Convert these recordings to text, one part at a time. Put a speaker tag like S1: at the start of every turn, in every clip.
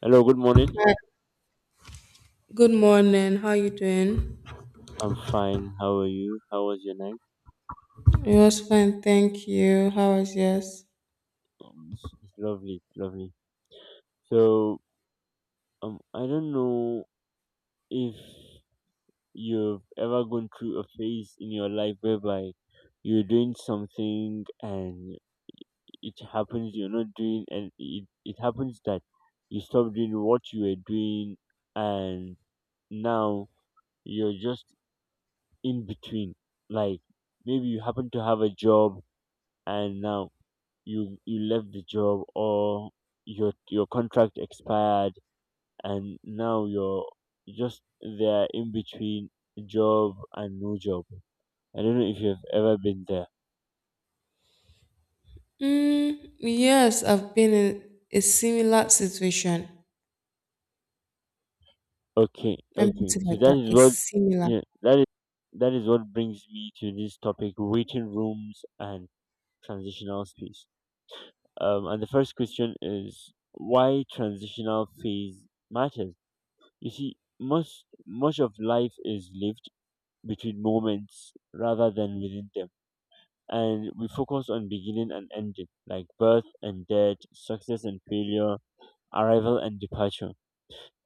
S1: Hello, good morning.
S2: Hi. Good morning. How you doing?
S1: I'm fine. How are you? How was your night?
S2: It was fine, thank you. How was yours?
S1: It's lovely, lovely. So, I don't know if you've ever gone through a phase in your life whereby you're doing something and it happens you're not doing, and it happens that you stop doing what you were doing, and now you're just in between. Like maybe you happen to have a job, and now you left the job or your contract expired and now you're just there in between job and no job. I don't know if you've ever been there.
S2: Mm, yes, I've been in a similar situation.
S1: Okay,
S2: Let me
S1: okay.
S2: put it
S1: So
S2: like
S1: that
S2: that.
S1: is what
S2: It's similar.
S1: yeah, that is that is what brings me to this topic, waiting rooms and transitional space. And the first question is why transitional phase matters. You see, most much of life is lived between moments rather than within them. And we focus on beginning and ending, like birth and death, success and failure, arrival and departure.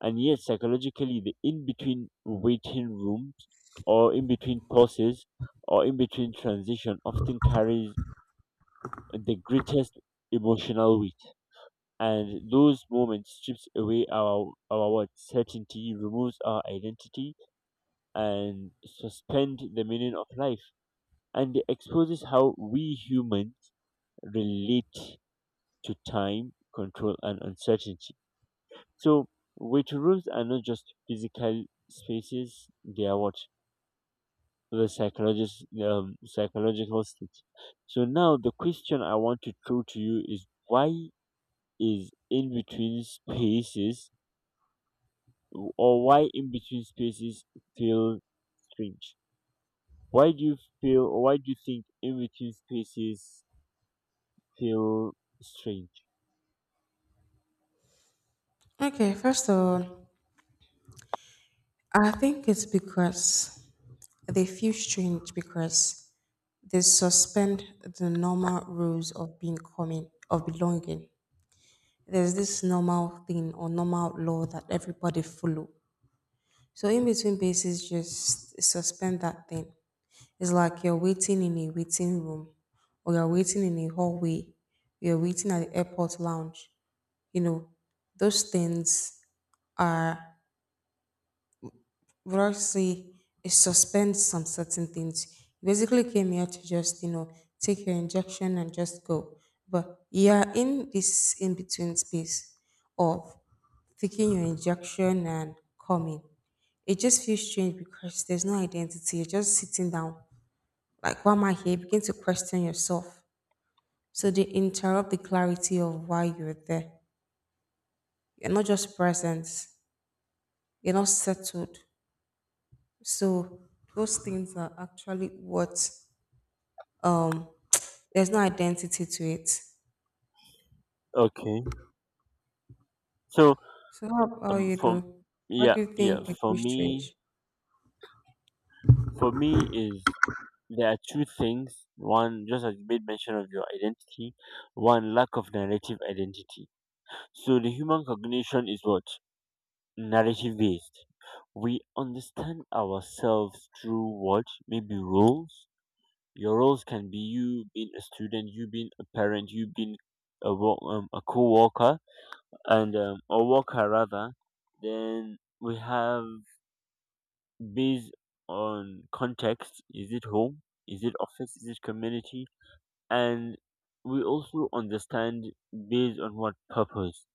S1: And yet, psychologically, the in between waiting rooms, or in between pauses, or in between transition often carries the greatest emotional weight. And those moments strips away our what certainty, removes our identity, and suspend the meaning of life. And it exposes how we humans relate to time, control, and uncertainty. So, weight rooms are not just physical spaces, they are what? The psychologist, psychological state. So, now the question I want to throw to you is why is in between spaces, or why in between spaces feel strange? Why do you feel, or why do you think in between spaces feel strange?
S2: Okay, first of all, I think it's because they feel strange because they suspend the normal rules of being coming of belonging. There's this normal thing or normal law that everybody follow. So in between bases, just suspend that thing. It's like you're waiting in a waiting room or you're waiting in a hallway, you're waiting at the airport lounge. You know, those things are what I say it suspends some certain things. You basically came here to just, take your injection and just go. But you're in this in-between space of taking your injection and coming. It just feels strange because there's no identity. You're just sitting down. Like, why am I here? You begin to question yourself. So they interrupt the clarity of why you're there. You're not just present, you're not settled. So those things are actually what um there's no identity to it.
S1: Okay. So,
S2: So how about you
S1: for
S2: though? What
S1: yeah,
S2: do you
S1: yeah,
S2: think the huge change?
S1: for me is there are two things. One, just as you made mention of your identity, one lack of narrative identity. So the human cognition is what narrative based. We understand ourselves through what maybe roles. Your roles can be you being a student, you being a parent, you being a a co-worker and a worker rather. Then we have based on context. Is it home? Is it office? Is it community? And we also understand based on what purpose.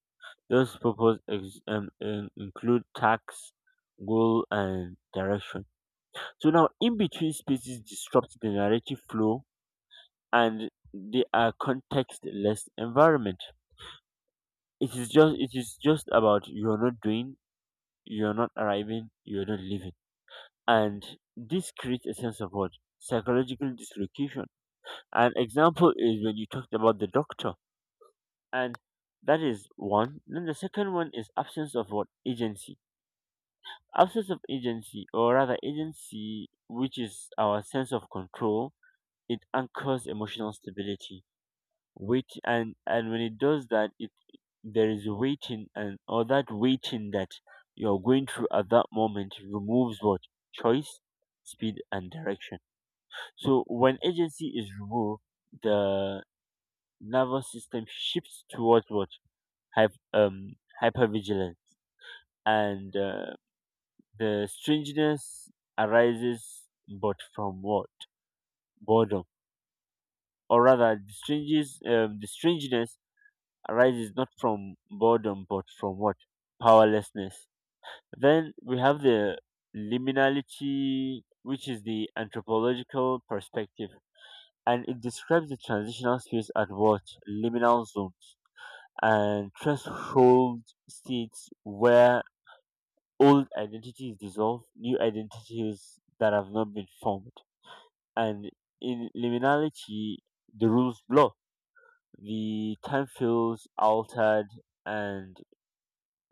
S1: Those purpose include tax, goal, and direction. So now, in between spaces disrupt the narrative flow, and they are context-less environment. It is just about you're not doing, you're not arriving, you're not leaving. And this creates a sense of what psychological dislocation, an example is when you talked about the doctor. And that is one. Then the second one is absence of what agency, absence of agency, or rather agency, which is our sense of control. It anchors emotional stability. Wait, and when it does that, it there is waiting, and or that waiting that you're going through at that moment removes what choice, speed, and direction. So when agency is removed, the nervous system shifts towards what hyper um, hypervigilance, and the strangeness arises, but from what boredom, or rather, the strangeness arises not from boredom, but from what powerlessness. Then we have the liminality, which is the anthropological perspective, and it describes the transitional space at what liminal zones and threshold states where old identity is dissolved, new identities that have not been formed. And in liminality, the rules blur. The time feels altered, and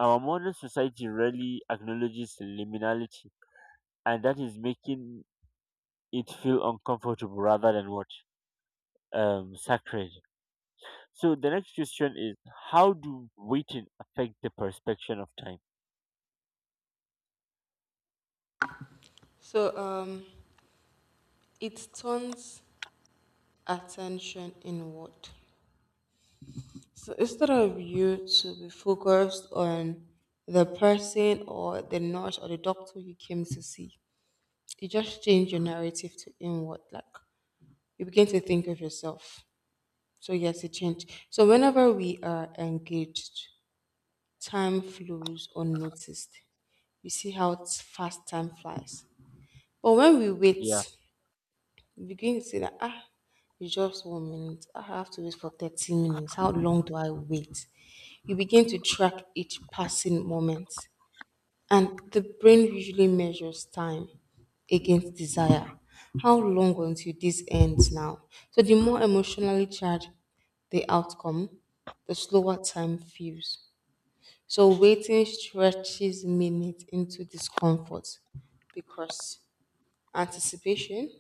S1: our modern society rarely acknowledges liminality, and that is making it feel uncomfortable rather than what sacred. So the next question is how do waiting affect the perception of time?
S2: So, it turns attention inward. So instead of you to be focused on the person or the nurse or the doctor you came to see, you just change your narrative to inward like you begin to think of yourself. So yes, it changed. So whenever we are engaged, time flows unnoticed. You see how fast time flies. But when we wait,
S1: Yeah.
S2: we begin to see that ah, it's just 1 minute. Ah, I have to wait for 30 minutes. How long do I wait? You begin to track each passing moment. And the brain usually measures time against desire. How long until this ends now? So the more emotionally charged the outcome, the slower time feels. So waiting stretches minutes into discomfort because anticipation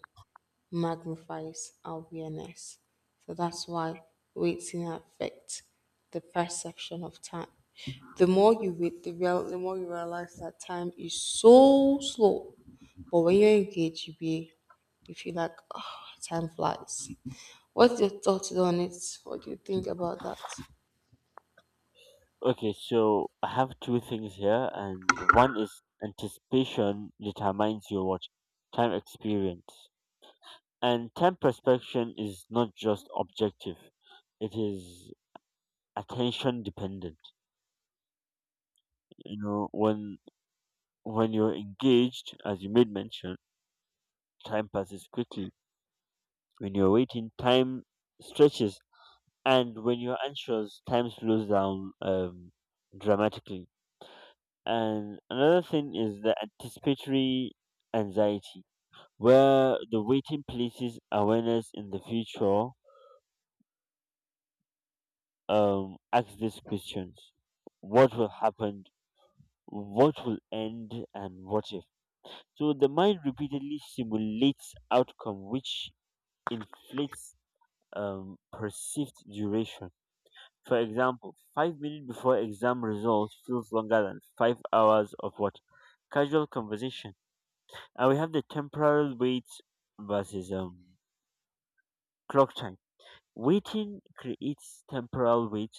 S2: magnifies awareness. So that's why waiting affects the perception of time. The more you wait, the more you realize that time is so slow. But when you're engaged, you feel like oh, time flies. What's your thoughts on it? What do you think about that?
S1: Okay, so I have two things here, and one is anticipation determines your what time experience. And time perception is not just objective. It is attention dependent. You know, when you're engaged, as you made mention, time passes quickly. When you're waiting, time stretches, and when you're anxious, time slows down dramatically. And another thing is the anticipatory anxiety, where the waiting places awareness in the future, asks these questions: what will happen, what will end, and what if? So the mind repeatedly simulates outcome, which inflates perceived duration. For example, 5 minutes before exam results feels longer than 5 hours of what? Casual conversation. And we have the temporal wait versus clock time. Waiting creates temporal wait,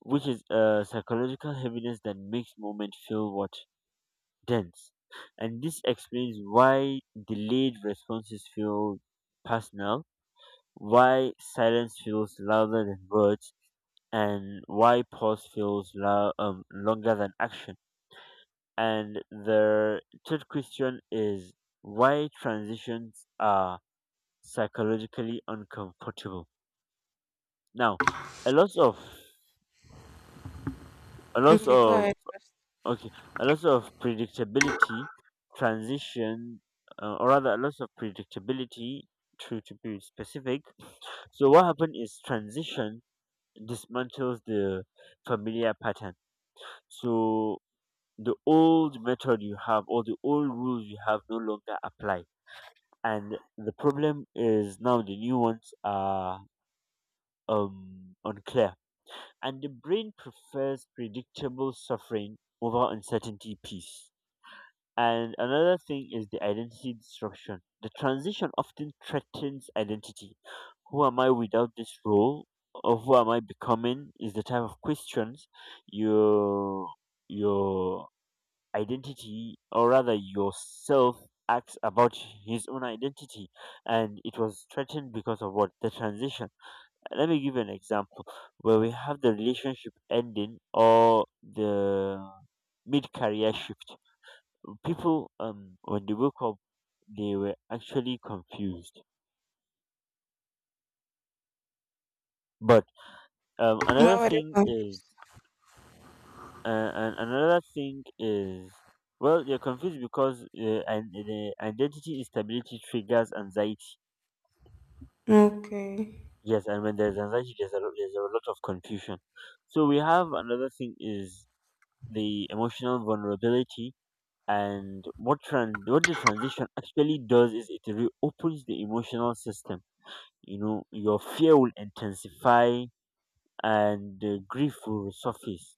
S1: which is a psychological heaviness that makes moment feel what? Dense. And this explains why delayed responses feel personal, why silence feels louder than words, and why pause feels longer than action. And the third question is why transitions are psychologically uncomfortable. Now, a lot of a lot
S2: Okay, go
S1: of
S2: ahead first.
S1: okay, a lot of predictability transition, or rather, a lot of predictability. To be specific, so what happened is transition dismantles the familiar pattern. So the old method you have or the old rules you have no longer apply, and the problem is now the new ones are unclear, and the brain prefers predictable suffering over uncertainty peace. And another thing is the identity disruption, the transition often threatens identity. Who am I without this role, or who am I becoming, is the type of questions you, your identity, or rather yourself acts about his own identity, and it was threatened because of what the transition. Let me give you an example where we have the relationship ending or the mid-career shift. People when they woke up, they were actually confused. But um
S2: Why
S1: another
S2: were they
S1: thing is
S2: confused?
S1: uh, and another thing is, well, they're confused because and the identity instability triggers anxiety.
S2: Okay.
S1: Yes, and when there's anxiety, there's a, there's a lot of confusion. So we have another thing is the emotional vulnerability, and what what the transition actually does is it reopens the emotional system. You know, your fear will intensify, and grief will resurface.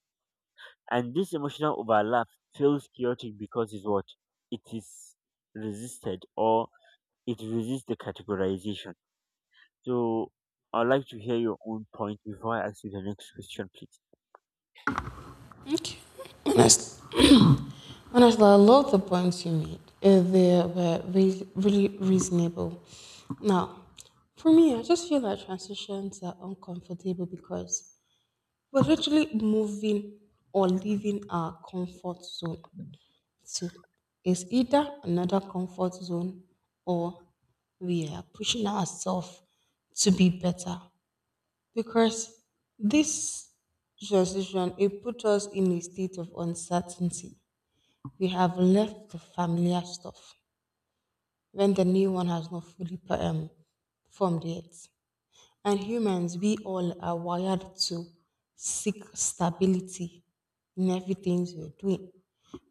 S1: And this emotional overlap feels chaotic because it's what it is resisted, or it resists the categorization. So I'd like to hear your own point before I ask you the next question, please.
S2: Honest. Honestly, a lot of the points you made, they were really reasonable. Now, for me, I just feel that transitions are uncomfortable because we're literally moving or leaving our comfort zone. So it's either another comfort zone or we are pushing ourselves to be better because this transition it put us in a state of uncertainty. We have left the familiar stuff when the new one has not fully formed yet. And humans, we all are wired to seek stability in everything we're doing,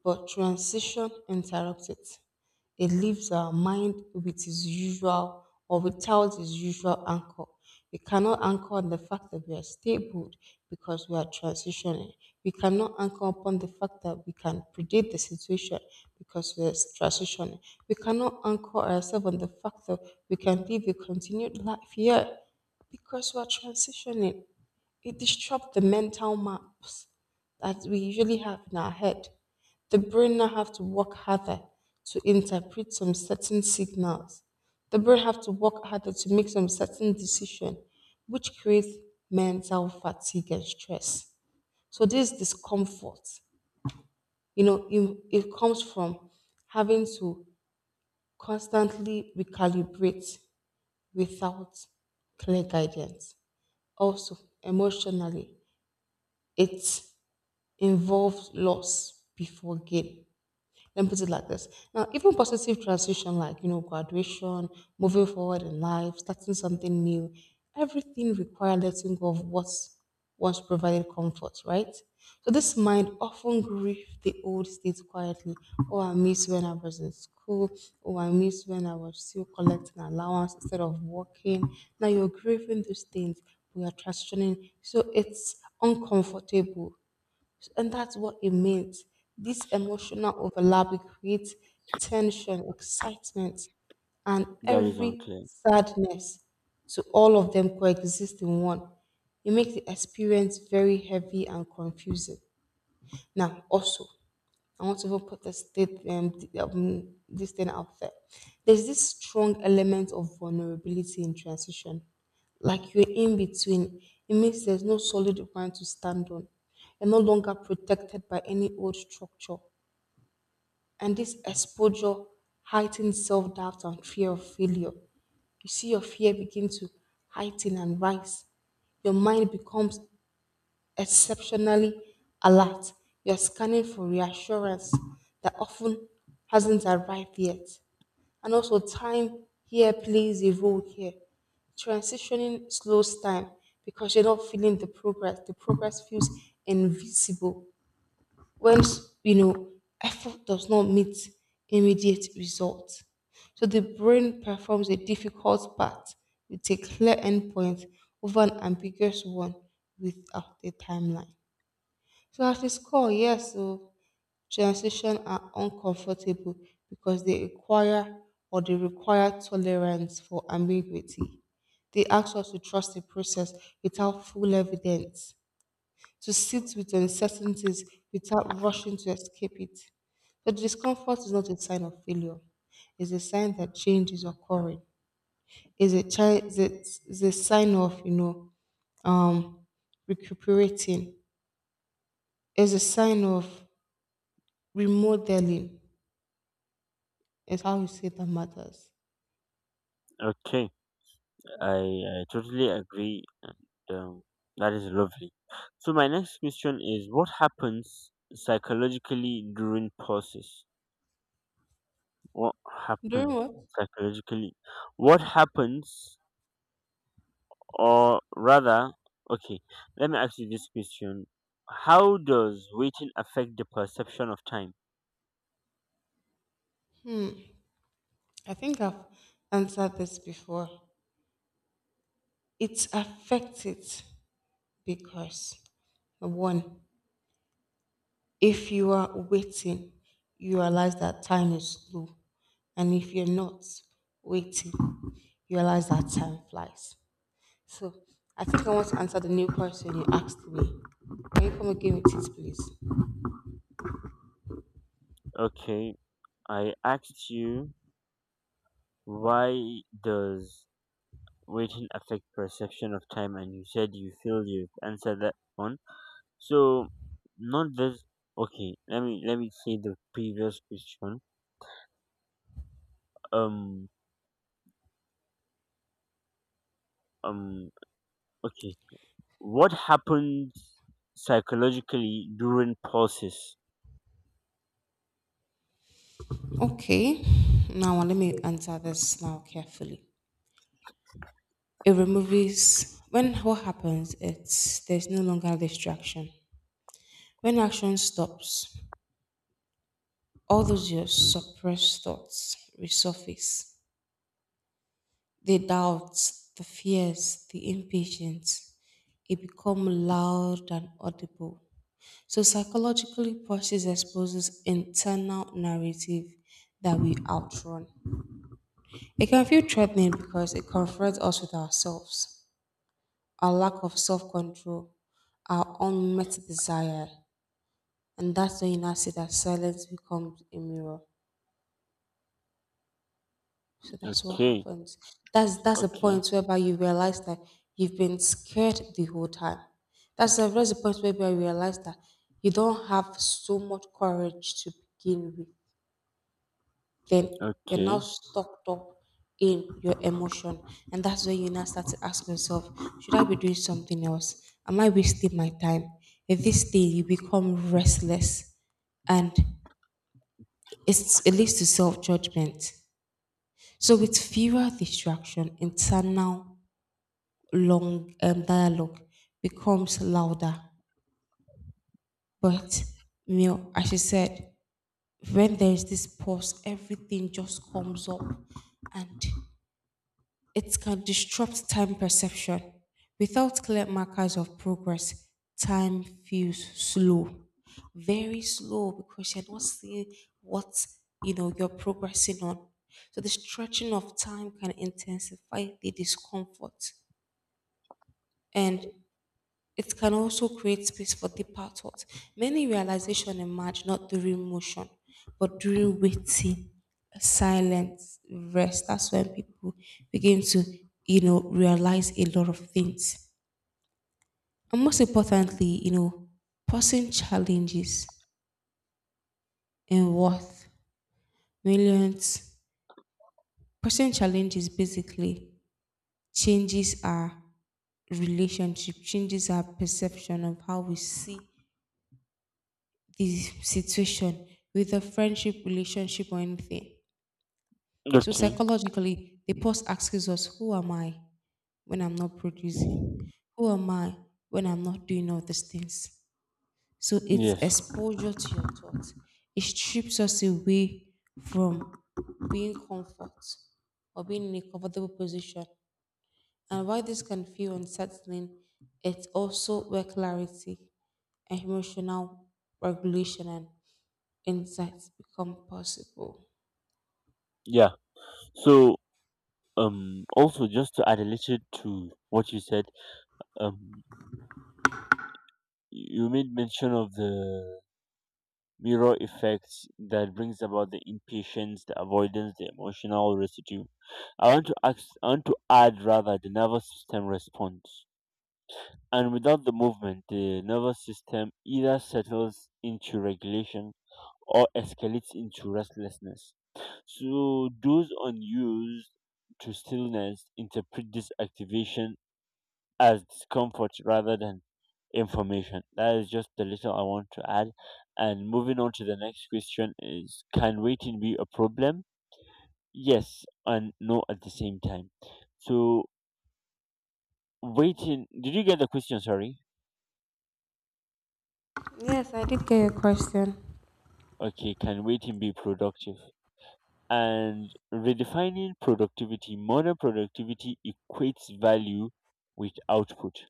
S2: but transition interrupts it. It leaves our mind with its usual or without its usual anchor. We cannot anchor on the fact that we are stable because we are transitioning. We cannot anchor upon the fact that we can predict the situation because we are transitioning. We cannot anchor ourselves on the fact that we can live a continued life here because we are transitioning. It disrupts the mental maps that we usually have in our head. The brain now have to work harder to interpret some certain signals. The brain have to work harder to make some certain decision, which creates mental fatigue and stress. So this discomfort, you know, it comes from having to constantly recalibrate without clear guidance. Also, emotionally, it's involves loss before gain. Let me put it like this. Now, even positive transition like, you know, graduation, moving forward in life, starting something new, everything requires letting go of what's once provided comfort, right? So this mind often grieves the old state quietly. Oh, I miss when I was in school. Oh, I miss when I was still collecting allowance instead of working. Now you're grieving those things. We are transitioning. So it's uncomfortable. And that's what it means. This emotional overlap it creates tension, excitement, and
S1: That is
S2: every
S1: unclear.
S2: sadness. So all of them coexist in one. It makes the experience very heavy and confusing. Now, also, I want to even put this this thing out there. There's this strong element of vulnerability in transition. Like you're in between, it means there's no solid ground to stand on. You're no longer protected by any old structure. And this exposure heightens self doubt and fear of failure. You see your fear begin to heighten and rise. Your mind becomes exceptionally alert, you're scanning for reassurance that often hasn't arrived yet. And also, time here plays a role here. Transitioning slows time because you're not feeling the progress. The progress feels invisible when, you know, effort does not meet immediate results. So the brain performs a difficult part with a clear endpoint over an ambiguous one without a timeline. So at a core, yes. So transition are uncomfortable because they require tolerance for ambiguity. They ask us to trust the process without full evidence, to sit with uncertainties without rushing to escape it. But discomfort is not a sign of failure. It's a sign that change is occurring. It's a, chi- it's a sign of, you know, um, recuperating. It's a sign of remodeling is how you say that matters.
S1: Okay, I totally agree, and um, that is lovely. So my next question is: what happens psychologically during pauses? What
S2: During
S1: happens
S2: what?
S1: psychologically? What happens, or rather, okay, let me ask you this question: how does waiting affect the perception of time?
S2: I think I've answered this before. It's affected because one, if you are waiting, you realize that time is slow. And if you're not waiting, you realize that time flies. So I think I want to answer the new question you asked me. Can you come again with it, please?
S1: Okay, I asked you, why does waiting affect perception of time? And you said you feel you've answered that one. So not this. Okay, let me say the previous question. Um um. Okay, what happens psychologically during pauses?
S2: Okay. Now let me answer this now carefully. It removes when what happens it's there's no longer distraction. When action stops, all those your suppressed thoughts resurface. The doubts, the fears, the impatience, it become loud and audible. So psychologically process exposes internal narrative that we outrun. It can feel threatening because it confronts us with ourselves, our lack of self control, our unmet desire. And that's when you now see that silence becomes a mirror. So that's what
S1: Okay,
S2: happens. That's the
S1: okay,
S2: point whereby you realize that you've been scared the whole time. That's the point whereby you realize that you don't have so much courage to begin with. Then you're now
S1: okay,
S2: stuck up in your emotion. And that's when you now start to ask yourself, should I be doing something else? Am I wasting my time? At this day, you become restless and it leads to self judgment. So, with fewer distraction, internal long dialogue becomes louder. But, you know, as she said, when there's this pause, everything just comes up and it can disrupt time perception. Without clear markers of progress, time feels slow, very slow because you're not seeing what, you know, you're progressing on. So the stretching of time can intensify the discomfort and it can also create space for deeper thought. Many realizations emerge not during motion, but during waiting, silence, rest. That's when people begin to, you know, realize a lot of things. And most importantly, you know, pressing challenges in worth millions. Pressing challenges basically changes our relationship, changes our perception of how we see the situation with a friendship, relationship, or anything. So
S1: okay.
S2: psychologically, the pause asks us, who am I when I'm not producing? Who am I when I'm not doing all these things? So it's
S1: Yes.
S2: exposure to your thoughts. It strips us away from being comfort or being in a comfortable position. And while this can feel unsettling, it's also where clarity and emotional regulation and insights become possible.
S1: Yeah. So also just to add a little to what you said, um you made mention of the mirror effect that brings about the impatience, the avoidance, the emotional residue. I want to ask, I want to add rather the nervous system response. And without the movement, the nervous system either settles into regulation or escalates into restlessness. So those unused to stillness interpret this activation as discomfort rather than information. That is just the little I want to add. And moving on to the next question is, can waiting be a problem? Yes and no at the same time. So waiting, did you get the question, sorry?
S2: Yes, I did get your question.
S1: Okay, can waiting be productive? And redefining productivity, modern productivity equates value with output.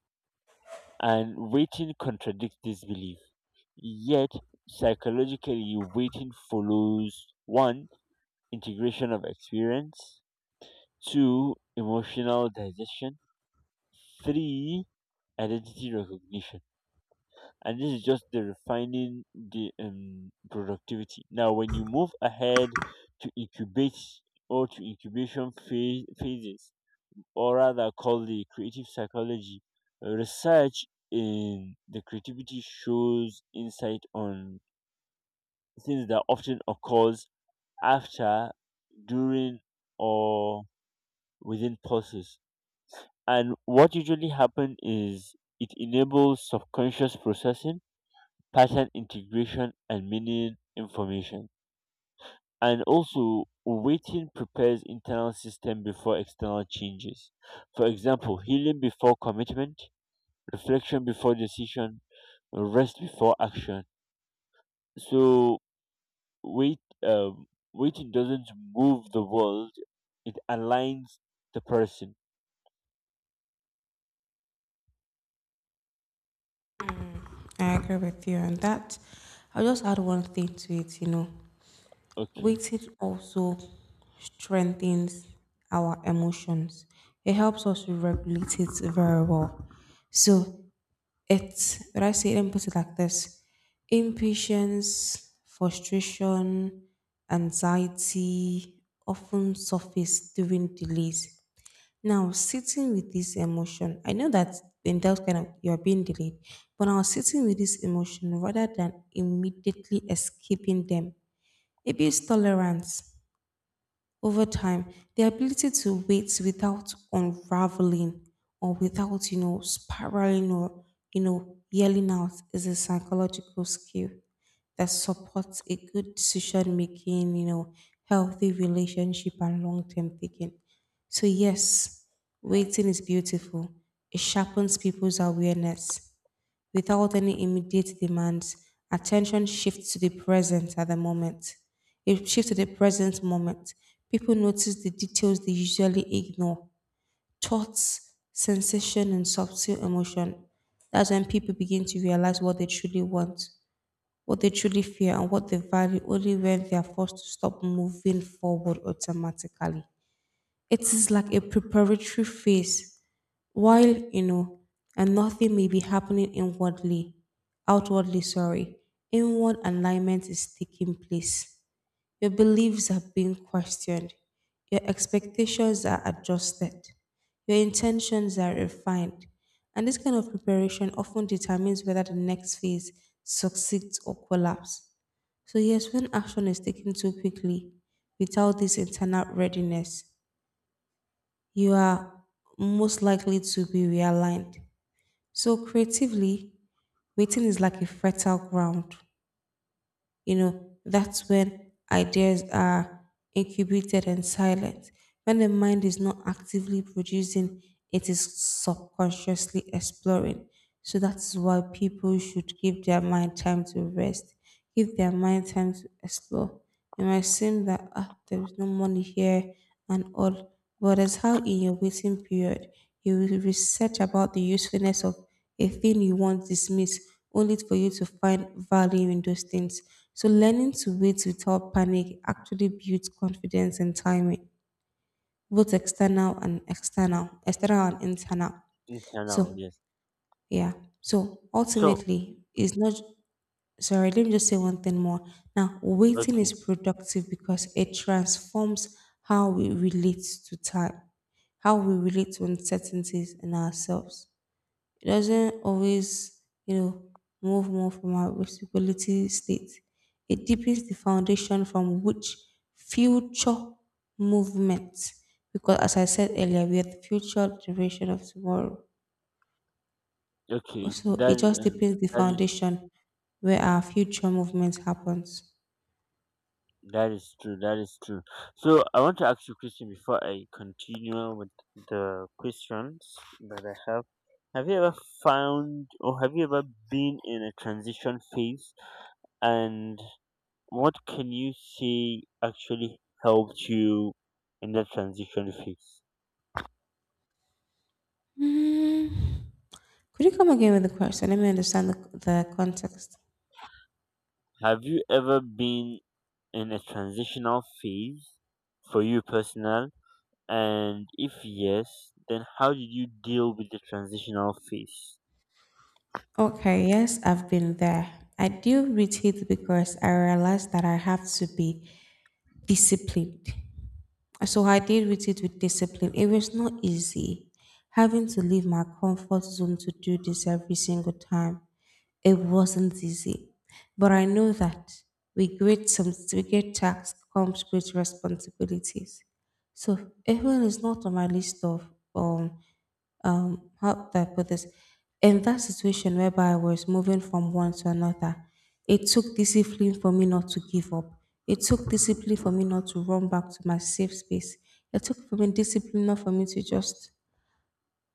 S1: And waiting contradicts this belief. Yet, psychologically, waiting follows one, integration of experience, two, emotional digestion, three, identity recognition. And this is just the refining the productivity. Now, when you move ahead to incubate or to incubation phase, phases, or rather called the creative psychology, research in the creativity shows insight on things that often occurs after, during, or within pauses. And what usually happens is it enables subconscious processing, pattern integration, and meaning information. And also, waiting prepares internal system before external changes. For example, healing before commitment, reflection before decision, rest before action. So, wait, um, waiting doesn't move the world; it aligns the person.
S2: I agree with you on that. I'll just add one thing to it, you know.
S1: Okay,
S2: Waiting also strengthens our emotions. It helps us to regulate it very well. So it's would I say let me put it like this impatience, frustration, anxiety often surface during delays. Now sitting with this emotion, I know that in that kind of you're being delayed, but now sitting with this emotion rather than immediately escaping them, it builds tolerance over time, the ability to wait without unraveling or without, you know, spiraling or, you know, yelling out is a psychological skill that supports a good decision making, you know, healthy relationship and long term thinking. So, yes, waiting is beautiful. It sharpens people's awareness without any immediate demands. Attention shifts to the present at the moment. It shifts to the present moment. People notice the details they usually ignore thoughts, sensation, and subtle emotion. That's when people begin to realize what they truly want, what they truly fear, and what they value only when they are forced to stop moving forward automatically. It is like a preparatory phase while, you know, and nothing may be happening outwardly, sorry, inward alignment is taking place. Your beliefs are being questioned, your expectations are adjusted, your intentions are refined. And this kind of preparation often determines whether the next phase succeeds or collapses. So, yes, when action is taken too quickly without this internal readiness, you are most likely to be realigned. So creatively, waiting is like a fertile ground. You know, that's when ideas are incubated and silent. When the mind is not actively producing, it is subconsciously exploring. So that's why people should give their mind time to rest, give their mind time to explore. It might seem that there is no money here and all, but that's how in your waiting period you will research about the usefulness of a thing you want dismissed, only for you to find value in those things. So learning to wait without panic actually builds confidence and timing, both external and external, external and internal.
S1: internal,
S2: So
S1: yes.
S2: yeah. So
S1: So
S2: ultimately, it's not, sorry, let me just say one thing more. Now, waiting is
S1: okay,
S2: productive because it transforms how we relate to time, how we relate to uncertainties in ourselves. It doesn't always, you know, move more from our responsibility state. It deepens the foundation from which future movement, because as I said earlier, we are the future generation of tomorrow.
S1: okay,
S2: So
S1: that
S2: it just deepens the
S1: that is
S2: foundation where our future movement happens.
S1: that is true. That is true. So I want to ask you a question before I continue with the questions that I have. Have you ever found or have you ever been in a transition phase? And what can you say actually helped you in that transition phase?
S2: Mm, could you come again with the question? Let me understand the context.
S1: Have you ever been in a transitional phase for you personal? And if yes, then how did you deal with the transitional phase?
S2: Okay, yes, I've been there. I deal with it because I realized that I have to be disciplined. So I did with it with discipline. It was not easy having to leave my comfort zone to do this every single time. It wasn't easy. But I know that with great, some, with great tasks comes great responsibilities. So even is not on my list of how do I put this? In that situation whereby I was moving from one to another, it took discipline for me not to give up. It took discipline for me not to run back to my safe space. It took for me discipline not for me to just,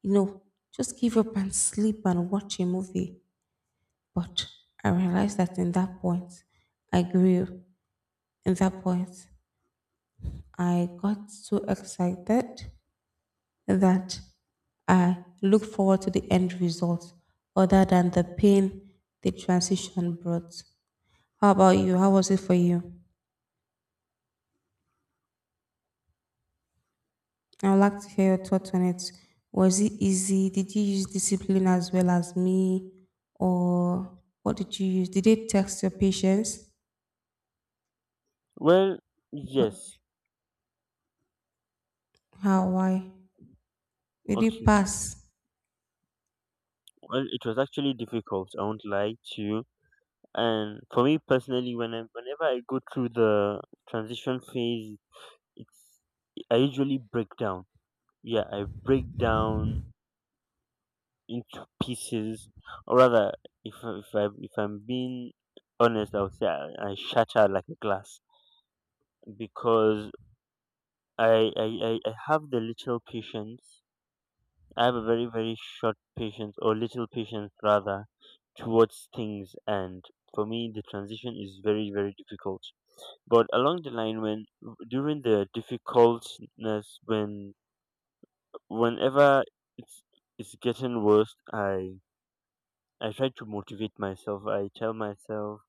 S2: you know, just give up and sleep and watch a movie. But I realized that in that point, I grew. In that point, I got so excited that I look forward to the end result other than the pain the transition brought. How about you? How was it for you? I would like to hear your thoughts on it. Was it easy? Did you use discipline as well as me? Or what did you use? Did it test your patience?
S1: Well, yes.
S2: How? Why? Did it
S1: Okay.
S2: pass?
S1: Well, it was actually difficult. I won't lie to you. And for me personally, whenever I go through the transition phase, it's I usually break down. Yeah, I break down into pieces, or rather, if I- if I if I'm being honest, I would say I shatter like a glass because I have the little patience. I have a very, very short patience, or little patience rather, towards things. And for me, the transition is very, very difficult. But along the line, when during the difficultness, whenever it's it's getting worse, I try to motivate myself. I tell myself,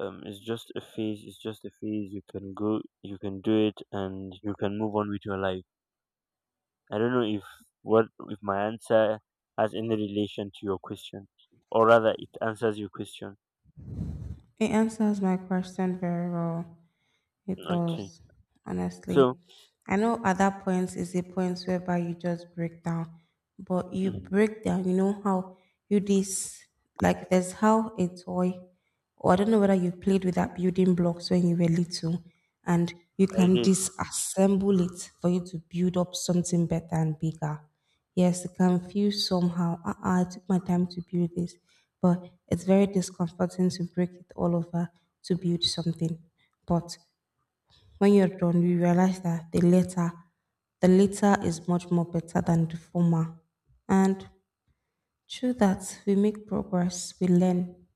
S1: it's just a phase. It's just a phase. You can go. You can do it, and you can move on with your life. I don't know if what if my answer has any relation to your question, or rather, it answers your question.
S2: It answers my question very well. It
S1: Okay,
S2: does, honestly.
S1: so
S2: I know at that point is a point whereby you just break down, but you
S1: mhm,
S2: break down, you know how you this like there's how a toy, or I don't know whether you played with that building blocks when you were little, and you
S1: I
S2: can
S1: did.
S2: disassemble it for you to build up something better and bigger. Yes, it can feel somehow, I took my time to build this, but it's very discomforting to break it all over to build something. But when you're done, you realize that the latter, the later is much more better than the former. And through that, we make progress, we learn.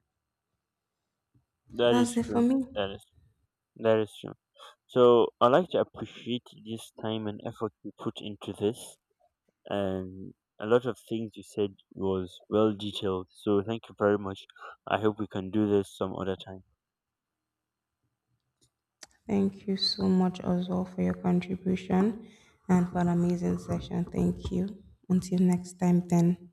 S2: So
S1: That is
S2: that's it for
S1: true.
S2: me.
S1: That is that is true. So I like to appreciate this time and effort you put into this, and a lot of things you said was well detailed. So thank you very much. I hope we can do this some other time.
S2: Thank you so much as well for your contribution and for an amazing session. Thank you. Until next time, then.